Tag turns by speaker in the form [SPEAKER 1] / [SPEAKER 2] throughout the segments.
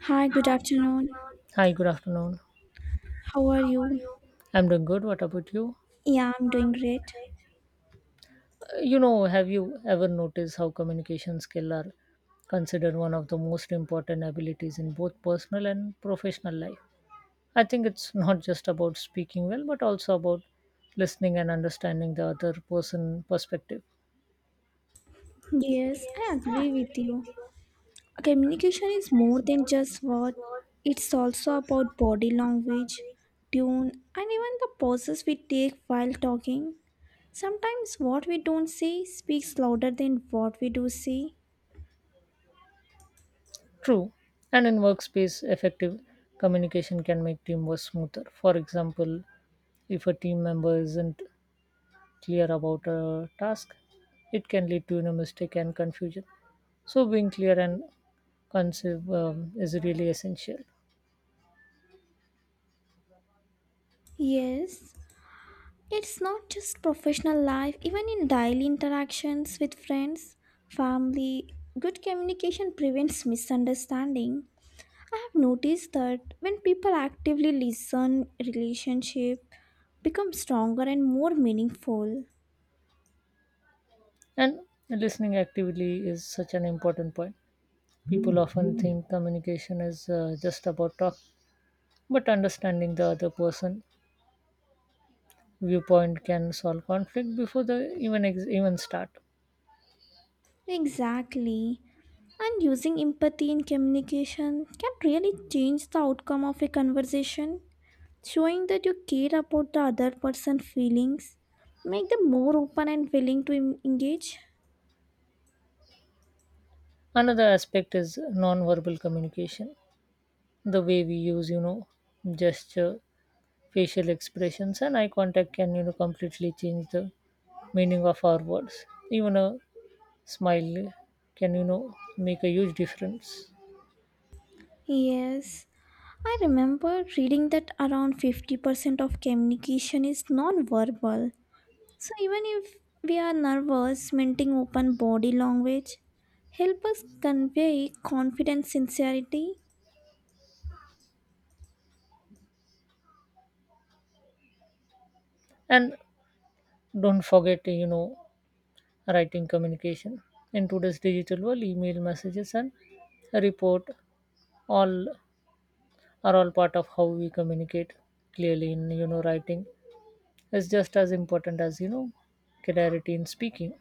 [SPEAKER 1] Hi, good afternoon.
[SPEAKER 2] Hi, good afternoon.
[SPEAKER 1] How are you?
[SPEAKER 2] I'm doing good. What about you?
[SPEAKER 1] Yeah, I'm doing great.
[SPEAKER 2] Have you ever noticed how communication skills are considered one of the most important abilities in both personal and professional life? I think it's not just about speaking well, but also about listening and understanding the other person perspective.
[SPEAKER 1] Yes, I agree with you. Communication is more than just words, it's also about body language, tone, and even the pauses we take while talking. Sometimes what we don't say speaks louder than what we do say.
[SPEAKER 2] True. And in workspace, effective communication can make teamwork smoother. For example, if a team member isn't clear about a task, it can lead to mistake and confusion. So, being clear and concise, is really essential.
[SPEAKER 1] Yes, it's not just professional life, even in daily interactions with friends, family, good communication prevents misunderstanding. I have noticed that when people actively listen, relationship becomes stronger and more meaningful.
[SPEAKER 2] And listening actively is such an important point. People often think communication is just about talk, but understanding the other person viewpoint can solve conflict before the even start.
[SPEAKER 1] Exactly. And using empathy in communication can really change the outcome of a conversation. Showing that you care about the other person's feelings make them more open and willing to engage.
[SPEAKER 2] Another aspect is non-verbal communication. The way we use, gesture, facial expressions, and eye contact can, completely change the meaning of our words. Even a smile can make a huge difference.
[SPEAKER 1] Yes, I remember reading that around 50% of communication is non-verbal. So even if we are nervous, minting open body language help us convey confidence, sincerity.
[SPEAKER 2] And don't forget, writing communication. In today's digital world, email messages and report all are all part of how we communicate clearly. In writing is just as important as clarity in speaking.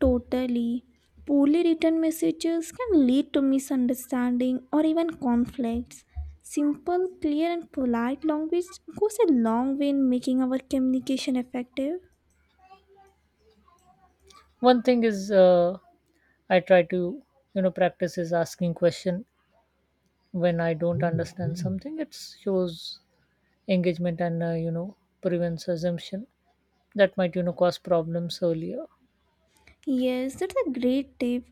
[SPEAKER 1] Totally. Poorly written messages can lead to misunderstanding or even conflicts. Simple, clear, and polite language goes a long way in making our communication effective.
[SPEAKER 2] One thing is, I try to practice is asking question when I don't understand something. It shows engagement and prevents assumption that might cause problems earlier.
[SPEAKER 1] Yes, that's a great tip.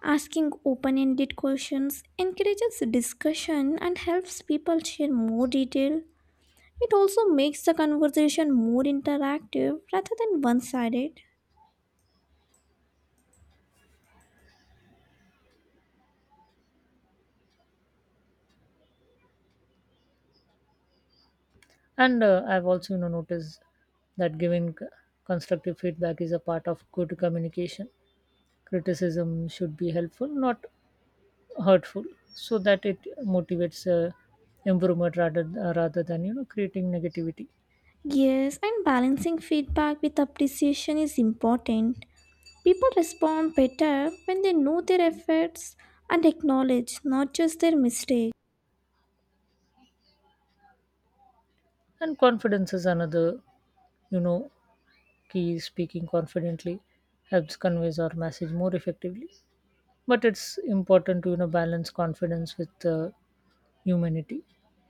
[SPEAKER 1] Asking open ended questions encourages discussion and helps people share more detail. It also makes the conversation more interactive rather than one sided.
[SPEAKER 2] And I've also noticed that giving constructive feedback is a part of good communication. Criticism should be helpful, not hurtful, so that it motivates improvement rather than creating negativity.
[SPEAKER 1] Yes, and balancing feedback with appreciation is important. People respond better when they know their efforts and acknowledge not just their mistake.
[SPEAKER 2] And confidence is another you know key. Speaking confidently helps conveys our message more effectively, but it's important to balance confidence with humanity,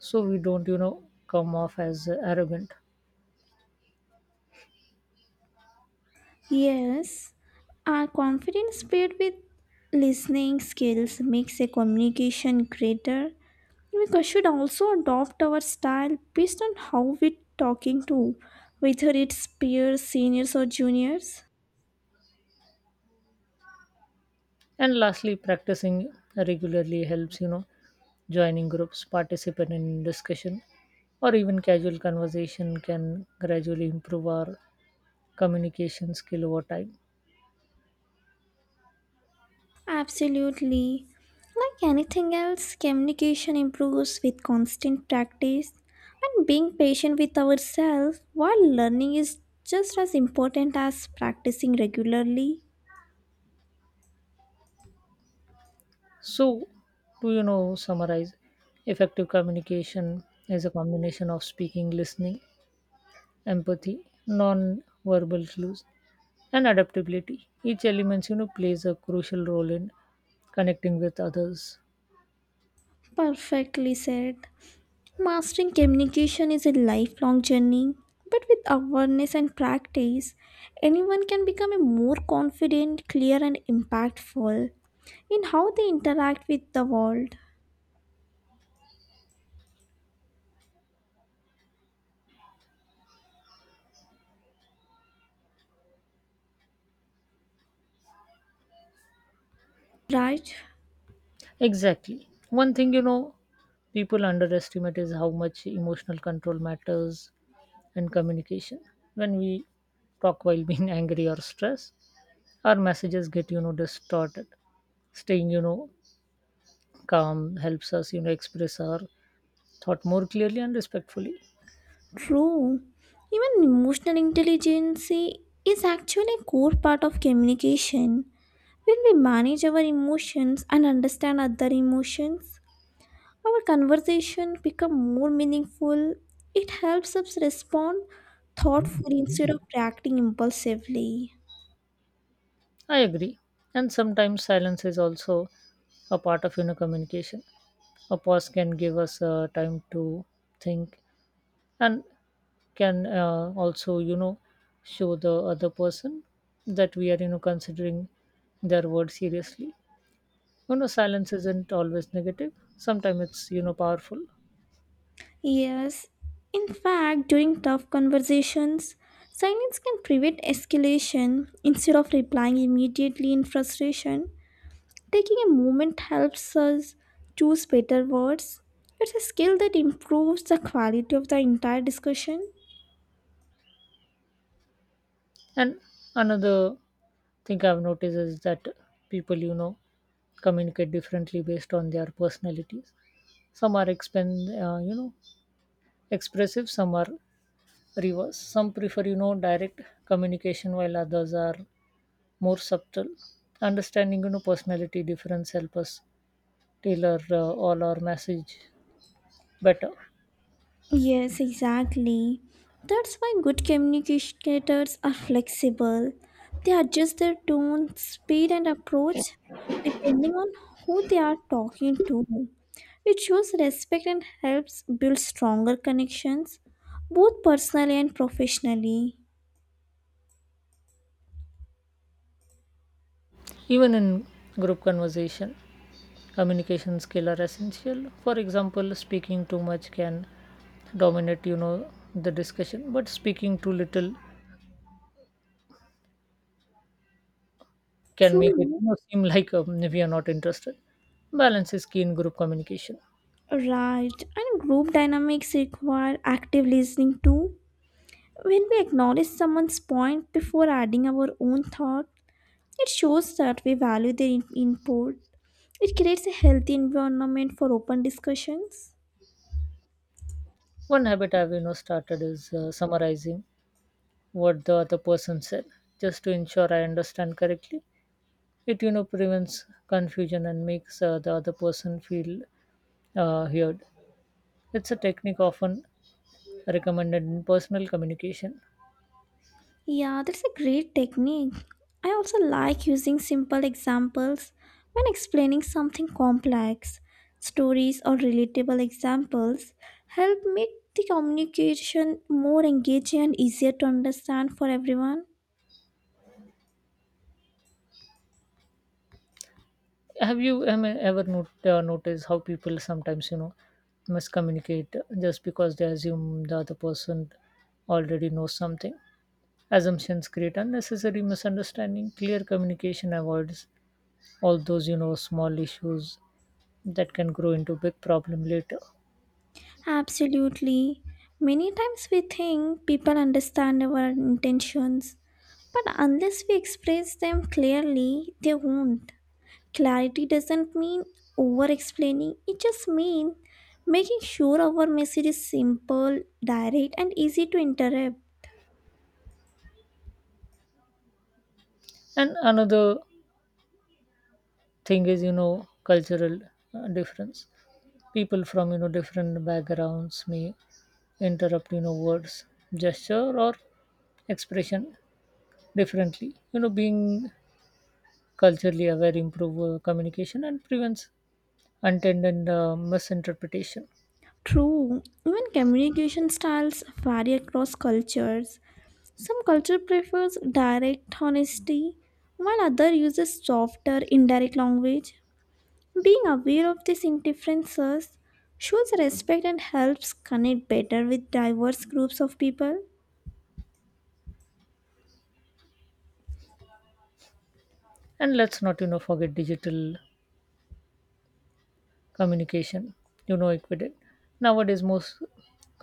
[SPEAKER 2] so we don't come off as arrogant.
[SPEAKER 1] Yes, our confidence paired with listening skills makes a communication greater. We should also adopt our style based on how we're talking to, whether it's peers, seniors, or juniors.
[SPEAKER 2] And lastly, practicing regularly helps, joining groups, participate in discussion, or even casual conversation can gradually improve our communication skill over time.
[SPEAKER 1] Absolutely. Like anything else, communication improves with constant practice, and being patient with ourselves while learning is just as important as practicing regularly.
[SPEAKER 2] So, to summarize, effective communication is a combination of speaking, listening, empathy, non verbal clues, and adaptability. Each element, plays a crucial role in connecting with others.
[SPEAKER 1] Perfectly said. Mastering communication is a lifelong journey, but with awareness and practice, anyone can become a more confident, clear, and impactful in how they interact with the world, right?
[SPEAKER 2] Exactly. One thing, people underestimate is how much emotional control matters and communication. When we talk while being angry or stressed, our messages get, distorted. Staying, calm helps us, express our thought more clearly and respectfully.
[SPEAKER 1] True. Even emotional intelligence is actually a core part of communication. When we manage our emotions and understand other emotions, our conversation become more meaningful. It helps us respond thoughtfully instead of reacting impulsively.
[SPEAKER 2] I agree. And sometimes silence is also a part of communication. A pause can give us time to think, and can also show the other person that we are considering their words seriously. Silence isn't always negative. Sometimes it's, powerful.
[SPEAKER 1] Yes, in fact, during tough conversations, silence can prevent escalation instead of replying immediately in frustration. Taking a moment helps us choose better words. It's a skill that improves the quality of the entire discussion.
[SPEAKER 2] And another thing I've noticed is that people communicate differently based on their personalities. Some are expend you know expressive, some are reverse, some prefer direct communication, while others are more subtle. Understanding personality difference help us tailor all our message better.
[SPEAKER 1] Yes, exactly. That's why good communicators are flexible. They adjust their tone, speed, and approach depending on who they are talking to. It shows respect and helps build stronger connections, both personally and professionally.
[SPEAKER 2] Even in group conversation, communication skill are essential. For example, speaking too much can dominate the discussion, but speaking too little can make it,
[SPEAKER 1] True.
[SPEAKER 2] seem like we are not interested. Balance is key in group communication.
[SPEAKER 1] Right, and group dynamics require active listening too. When we acknowledge someone's point before adding our own thought, it shows that we value their input. It creates a healthy environment for open discussions.
[SPEAKER 2] One habit I've started is summarizing what the other person said, just to ensure I understand correctly. It prevents confusion and makes the other person feel heard. It's a technique often recommended in personal communication.
[SPEAKER 1] Yeah, that's a great technique. I also like using simple examples when explaining something complex. Stories or relatable examples help make the communication more engaging and easier to understand for everyone.
[SPEAKER 2] Have you ever not, noticed how people sometimes miscommunicate just because they assume the other person already knows something? Assumptions create unnecessary misunderstanding. Clear communication avoids all those, small issues that can grow into big problem later.
[SPEAKER 1] Absolutely. Many times we think people understand our intentions, but unless we express them clearly, they won't. Clarity doesn't mean over explaining, it just means making sure our message is simple, direct, and easy to interrupt.
[SPEAKER 2] And another thing is, cultural difference. People from different backgrounds may interrupt words, gesture, or expression differently. Being culturally aware improve communication and prevents unintended misinterpretation.
[SPEAKER 1] True, even communication styles vary across cultures. Some culture prefers direct honesty, while other uses softer, indirect language. Being aware of these differences shows respect and helps connect better with diverse groups of people.
[SPEAKER 2] And let's not, forget digital communication. Equated nowadays, most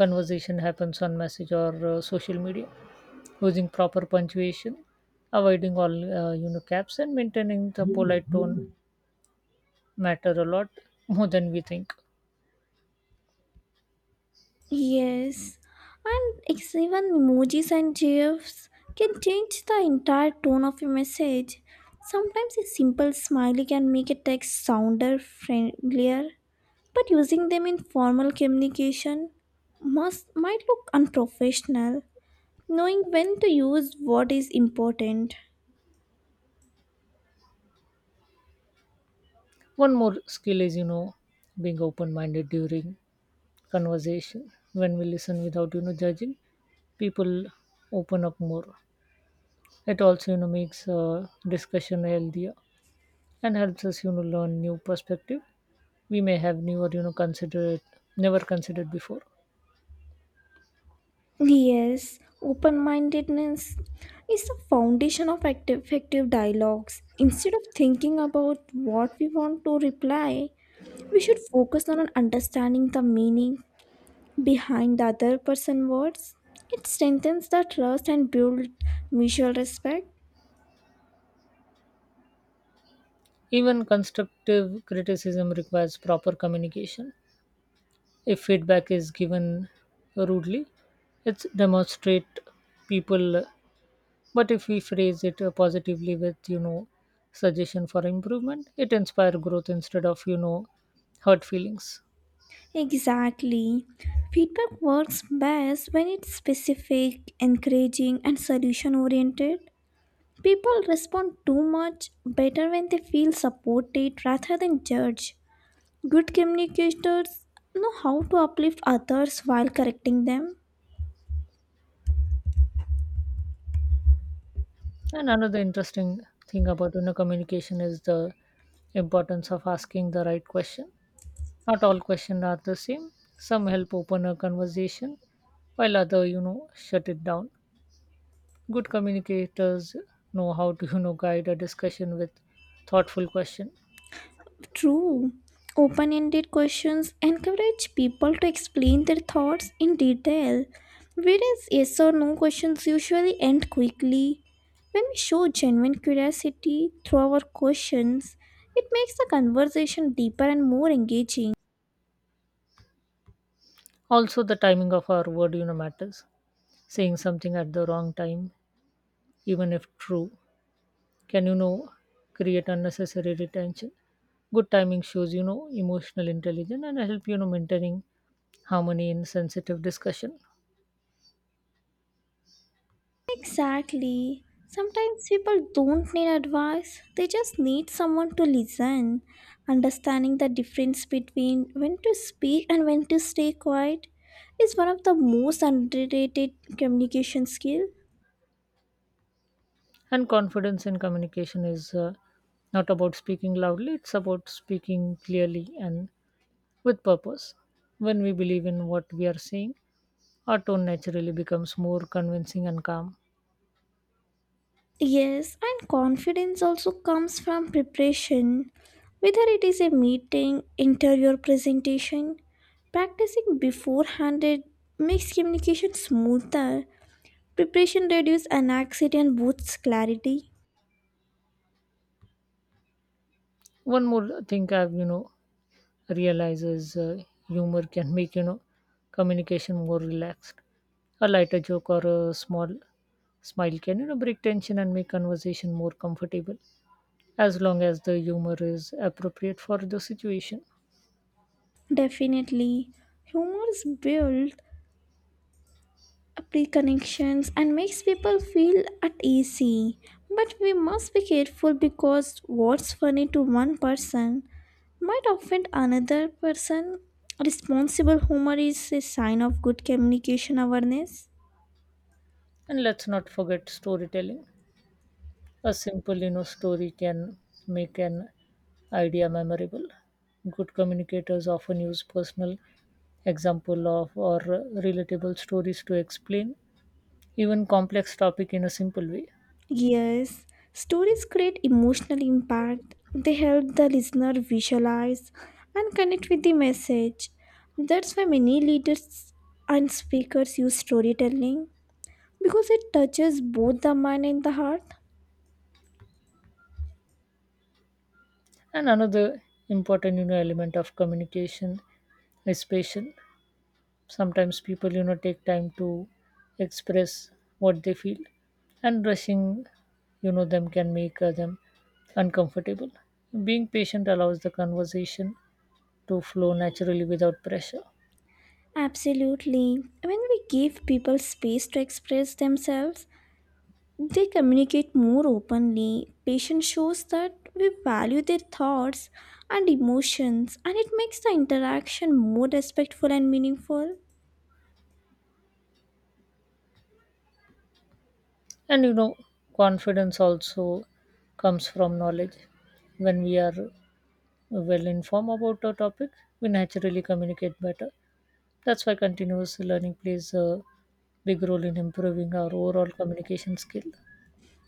[SPEAKER 2] conversation happens on message or social media. Using proper punctuation, avoiding all caps, and maintaining the polite tone matter a lot more than we think.
[SPEAKER 1] Yes, and even emojis and GIFs can change the entire tone of a message. Sometimes a simple smiley can make a text sounder friendlier, but using them in formal communication must might look unprofessional. Knowing when to use what is important.
[SPEAKER 2] One more skill is, being open minded during conversation. When we listen without, judging, people open up more. It also, makes discussion healthier and helps us, learn new perspective we may have never, never considered before.
[SPEAKER 1] Yes, open mindedness is the foundation of active, effective dialogues. Instead of thinking about what we want to reply, we should focus on understanding the meaning behind the other person's words. It strengthens the trust and builds mutual respect.
[SPEAKER 2] Even constructive criticism requires proper communication. If feedback is given rudely, it's demonstrate people, but if we phrase it positively with, suggestion for improvement, it inspire growth instead of, hurt feelings.
[SPEAKER 1] Exactly. Feedback works best when it's specific, encouraging, and solution oriented. People respond too much better when they feel supported rather than judged. Good communicators know how to uplift others while correcting them.
[SPEAKER 2] And another interesting thing about, communication is the importance of asking the right question. Not all questions are the same. Some help open a conversation, while other, shut it down. Good communicators know how to, guide a discussion with thoughtful question.
[SPEAKER 1] True. Open ended questions encourage people to explain their thoughts in detail, whereas yes or no questions usually end quickly. When we show genuine curiosity through our questions, it makes the conversation deeper and more engaging.
[SPEAKER 2] Also, the timing of our word, matters. Saying something at the wrong time, even if true, can, create unnecessary retention. Good timing shows, emotional intelligence and help, maintaining harmony in sensitive discussion.
[SPEAKER 1] Exactly. Sometimes people don't need advice, they just need someone to listen. Understanding the difference between when to speak and when to stay quiet is one of the most underrated communication skill.
[SPEAKER 2] And confidence in communication is, not about speaking loudly; it's about speaking clearly and with purpose. When we believe in what we are saying, our tone naturally becomes more convincing and calm.
[SPEAKER 1] Yes, and confidence also comes from preparation. Whether it is a meeting, interview, or presentation, practicing beforehand it makes communication smoother. Preparation reduces an accident boosts clarity.
[SPEAKER 2] One more thing I've, realized is, humor can make, communication more relaxed. A lighter joke or a small smile can, break tension and make conversation more comfortable, as long as the humor is appropriate for the situation.
[SPEAKER 1] Definitely. Humors build pre-connections and makes people feel at ease. But we must be careful because what's funny to one person might offend another person. Responsible humor is a sign of good communication awareness.
[SPEAKER 2] And let's not forget storytelling. A simple, story can make an idea memorable. Good communicators often use personal example of or relatable stories to explain even complex topic in a simple way.
[SPEAKER 1] Yes, stories create emotional impact. They help the listener visualize and connect with the message. That's why many leaders and speakers use storytelling because it touches both the mind and the heart.
[SPEAKER 2] And another important, element of communication is patient. Sometimes people, take time to express what they feel, and rushing, them can make them uncomfortable. Being patient allows the conversation to flow naturally without pressure.
[SPEAKER 1] Absolutely. When we give people space to express themselves, they communicate more openly. Patience shows that we value their thoughts and emotions, and it makes the interaction more respectful and meaningful.
[SPEAKER 2] And, confidence also comes from knowledge. When we are well informed about a topic, we naturally communicate better. That's why continuous learning plays a big role in improving our overall communication skill.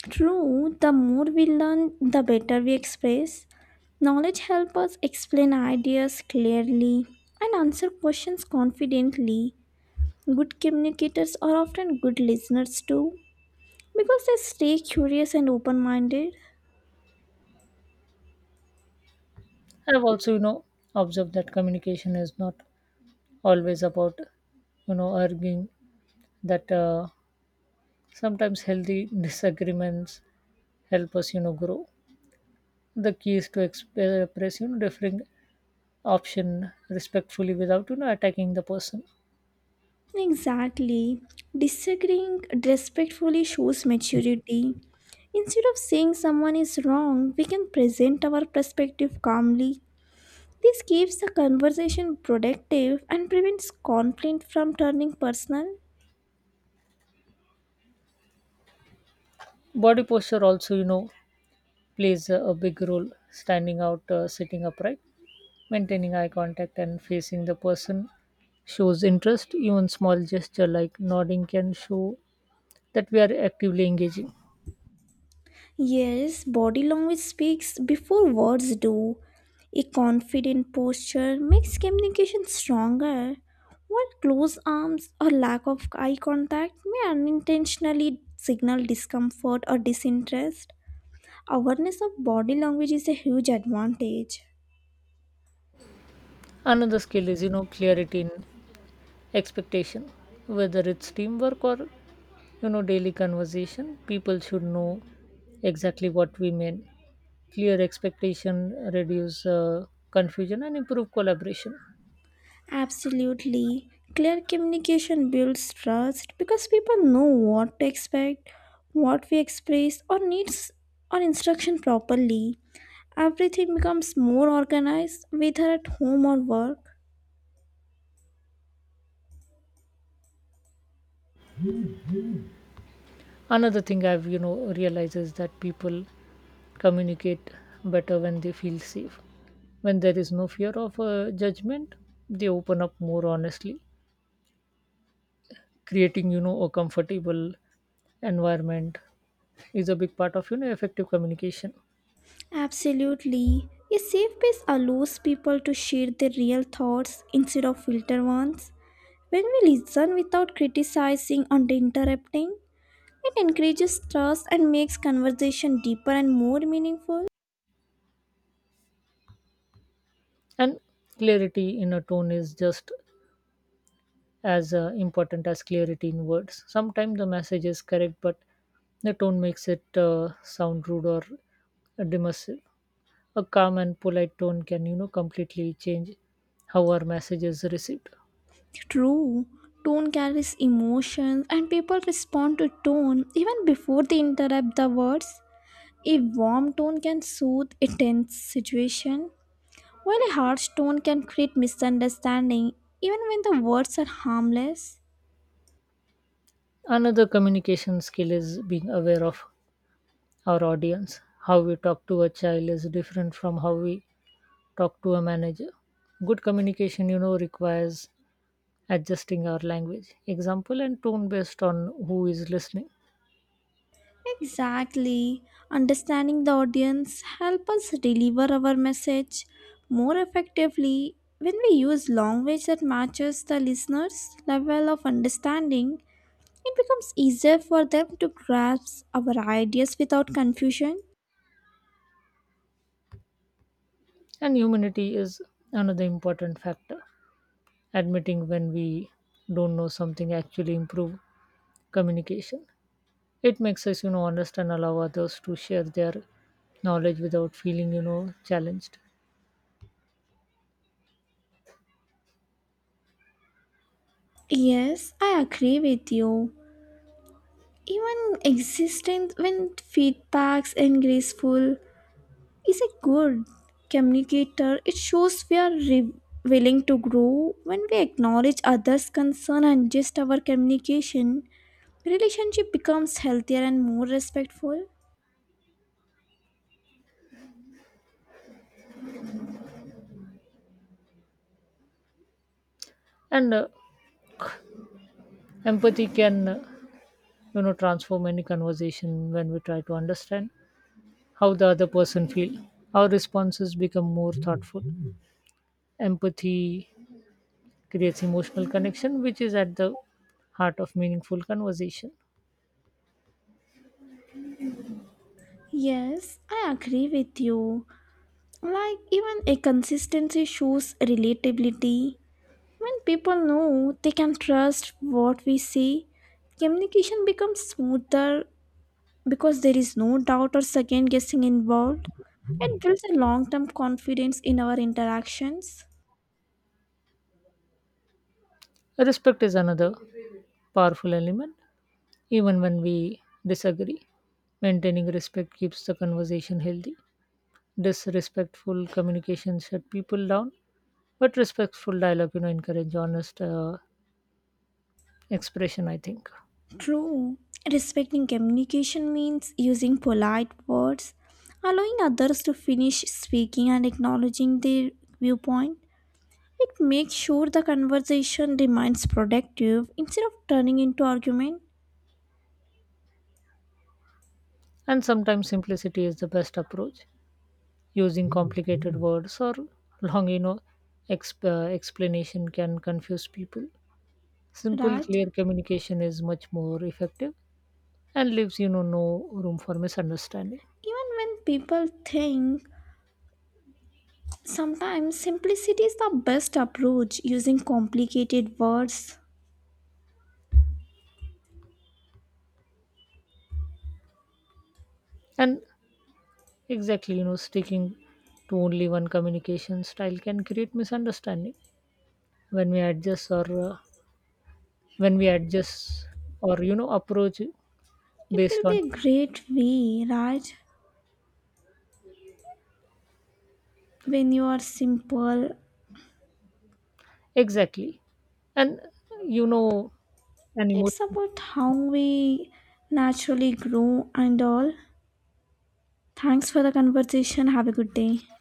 [SPEAKER 1] True, the more we learn, the better we express. Knowledge helps us explain ideas clearly and answer questions confidently. Good communicators are often good listeners too because they stay curious and open minded.
[SPEAKER 2] I've also, observed that communication is not always about, arguing. That Sometimes healthy disagreements help us, grow. The key is to express, differing option respectfully without, attacking the person.
[SPEAKER 1] Exactly. Disagreeing respectfully shows maturity. Instead of saying someone is wrong, we can present our perspective calmly. This keeps the conversation productive and prevents conflict from turning personal.
[SPEAKER 2] Body posture also, plays a big role. Standing out, sitting upright, maintaining eye contact, and facing the person shows interest. Even small gesture like nodding can show that we are actively engaging.
[SPEAKER 1] Yes, body language speaks before words do. A confident posture makes communication stronger, while closed arms or lack of eye contact may unintentionally signal discomfort or disinterest. Awareness of body language is a huge advantage.
[SPEAKER 2] Another skill is, clarity in expectation. Whether it's teamwork or, daily conversation, people should know exactly what we mean. Clear expectation reduce confusion and improve collaboration.
[SPEAKER 1] Absolutely. Clear communication builds trust because people know what to expect, what we express, or needs or instruction properly. Everything becomes more organized, whether at home or work.
[SPEAKER 2] Another thing I've, realized is that people communicate better when they feel safe. When there is no fear of judgment, they open up more honestly. Creating, a comfortable environment is a big part of, effective communication.
[SPEAKER 1] Absolutely. A safe space allows people to share their real thoughts instead of filtered ones. When we listen without criticizing or interrupting, it encourages trust and makes conversation deeper and more meaningful.
[SPEAKER 2] And clarity in a tone is just as important as clarity in words. Sometimes the message is correct, but the tone makes it sound rude or dismissive. A calm and polite tone can, completely change how our message is received.
[SPEAKER 1] True. Tone carries emotions and people respond to tone even before they interrupt the words. A warm tone can soothe a tense situation, while a harsh tone can create misunderstanding even when the words are harmless.
[SPEAKER 2] Another communication skill is being aware of our audience. How we talk to a child is different from how we talk to a manager. Good communication, requires adjusting our language, example, and tone based on who is listening.
[SPEAKER 1] Exactly. Understanding the audience helps us deliver our message more effectively when we use language that matches the listener's level of understanding. It becomes easier for them to grasp our ideas without confusion.
[SPEAKER 2] And humility is another important factor. Admitting when we don't know something actually improve communication. It makes us, honest and allow others to share their knowledge without feeling, challenged.
[SPEAKER 1] Yes, I agree with you. Even existing when feedbacks and graceful is a good communicator. It shows we are willing to grow when we acknowledge others' concern and adjust our communication. Relationship becomes healthier and more respectful.
[SPEAKER 2] And empathy can, transform any conversation when we try to understand how the other person feels. Our responses become more thoughtful. Empathy creates emotional connection, which is at the heart of meaningful conversation.
[SPEAKER 1] Yes, I agree with you. Like even a consistency shows relatability. When people know they can trust what we say, communication becomes smoother because there is no doubt or second guessing involved. It builds a long term confidence in our interactions.
[SPEAKER 2] Respect is another powerful element, even when we disagree. Maintaining respect keeps the conversation healthy. Disrespectful communication shut people down, but respectful dialogue, encourage honest expression, I think.
[SPEAKER 1] True, respecting communication means using polite words, allowing others to finish speaking and acknowledging their viewpoint. It makes sure the conversation remains productive instead of turning into argument,
[SPEAKER 2] And sometimes simplicity is the best approach. Using complicated words or long, explanation can confuse people. Simple,
[SPEAKER 1] right?
[SPEAKER 2] clear communication is much more effective and leaves, no room for misunderstanding.
[SPEAKER 1] Even when people think, sometimes simplicity is the best approach using complicated words.
[SPEAKER 2] And exactly, sticking to only one communication style can create misunderstanding when we adjust or uh, when we adjust or, approach
[SPEAKER 1] It will
[SPEAKER 2] based on
[SPEAKER 1] be a great way, right? When you are simple,
[SPEAKER 2] exactly. And, you know, an
[SPEAKER 1] it's
[SPEAKER 2] emotion.
[SPEAKER 1] about how we naturally grow and all. Thanks for the conversation. Have a good day.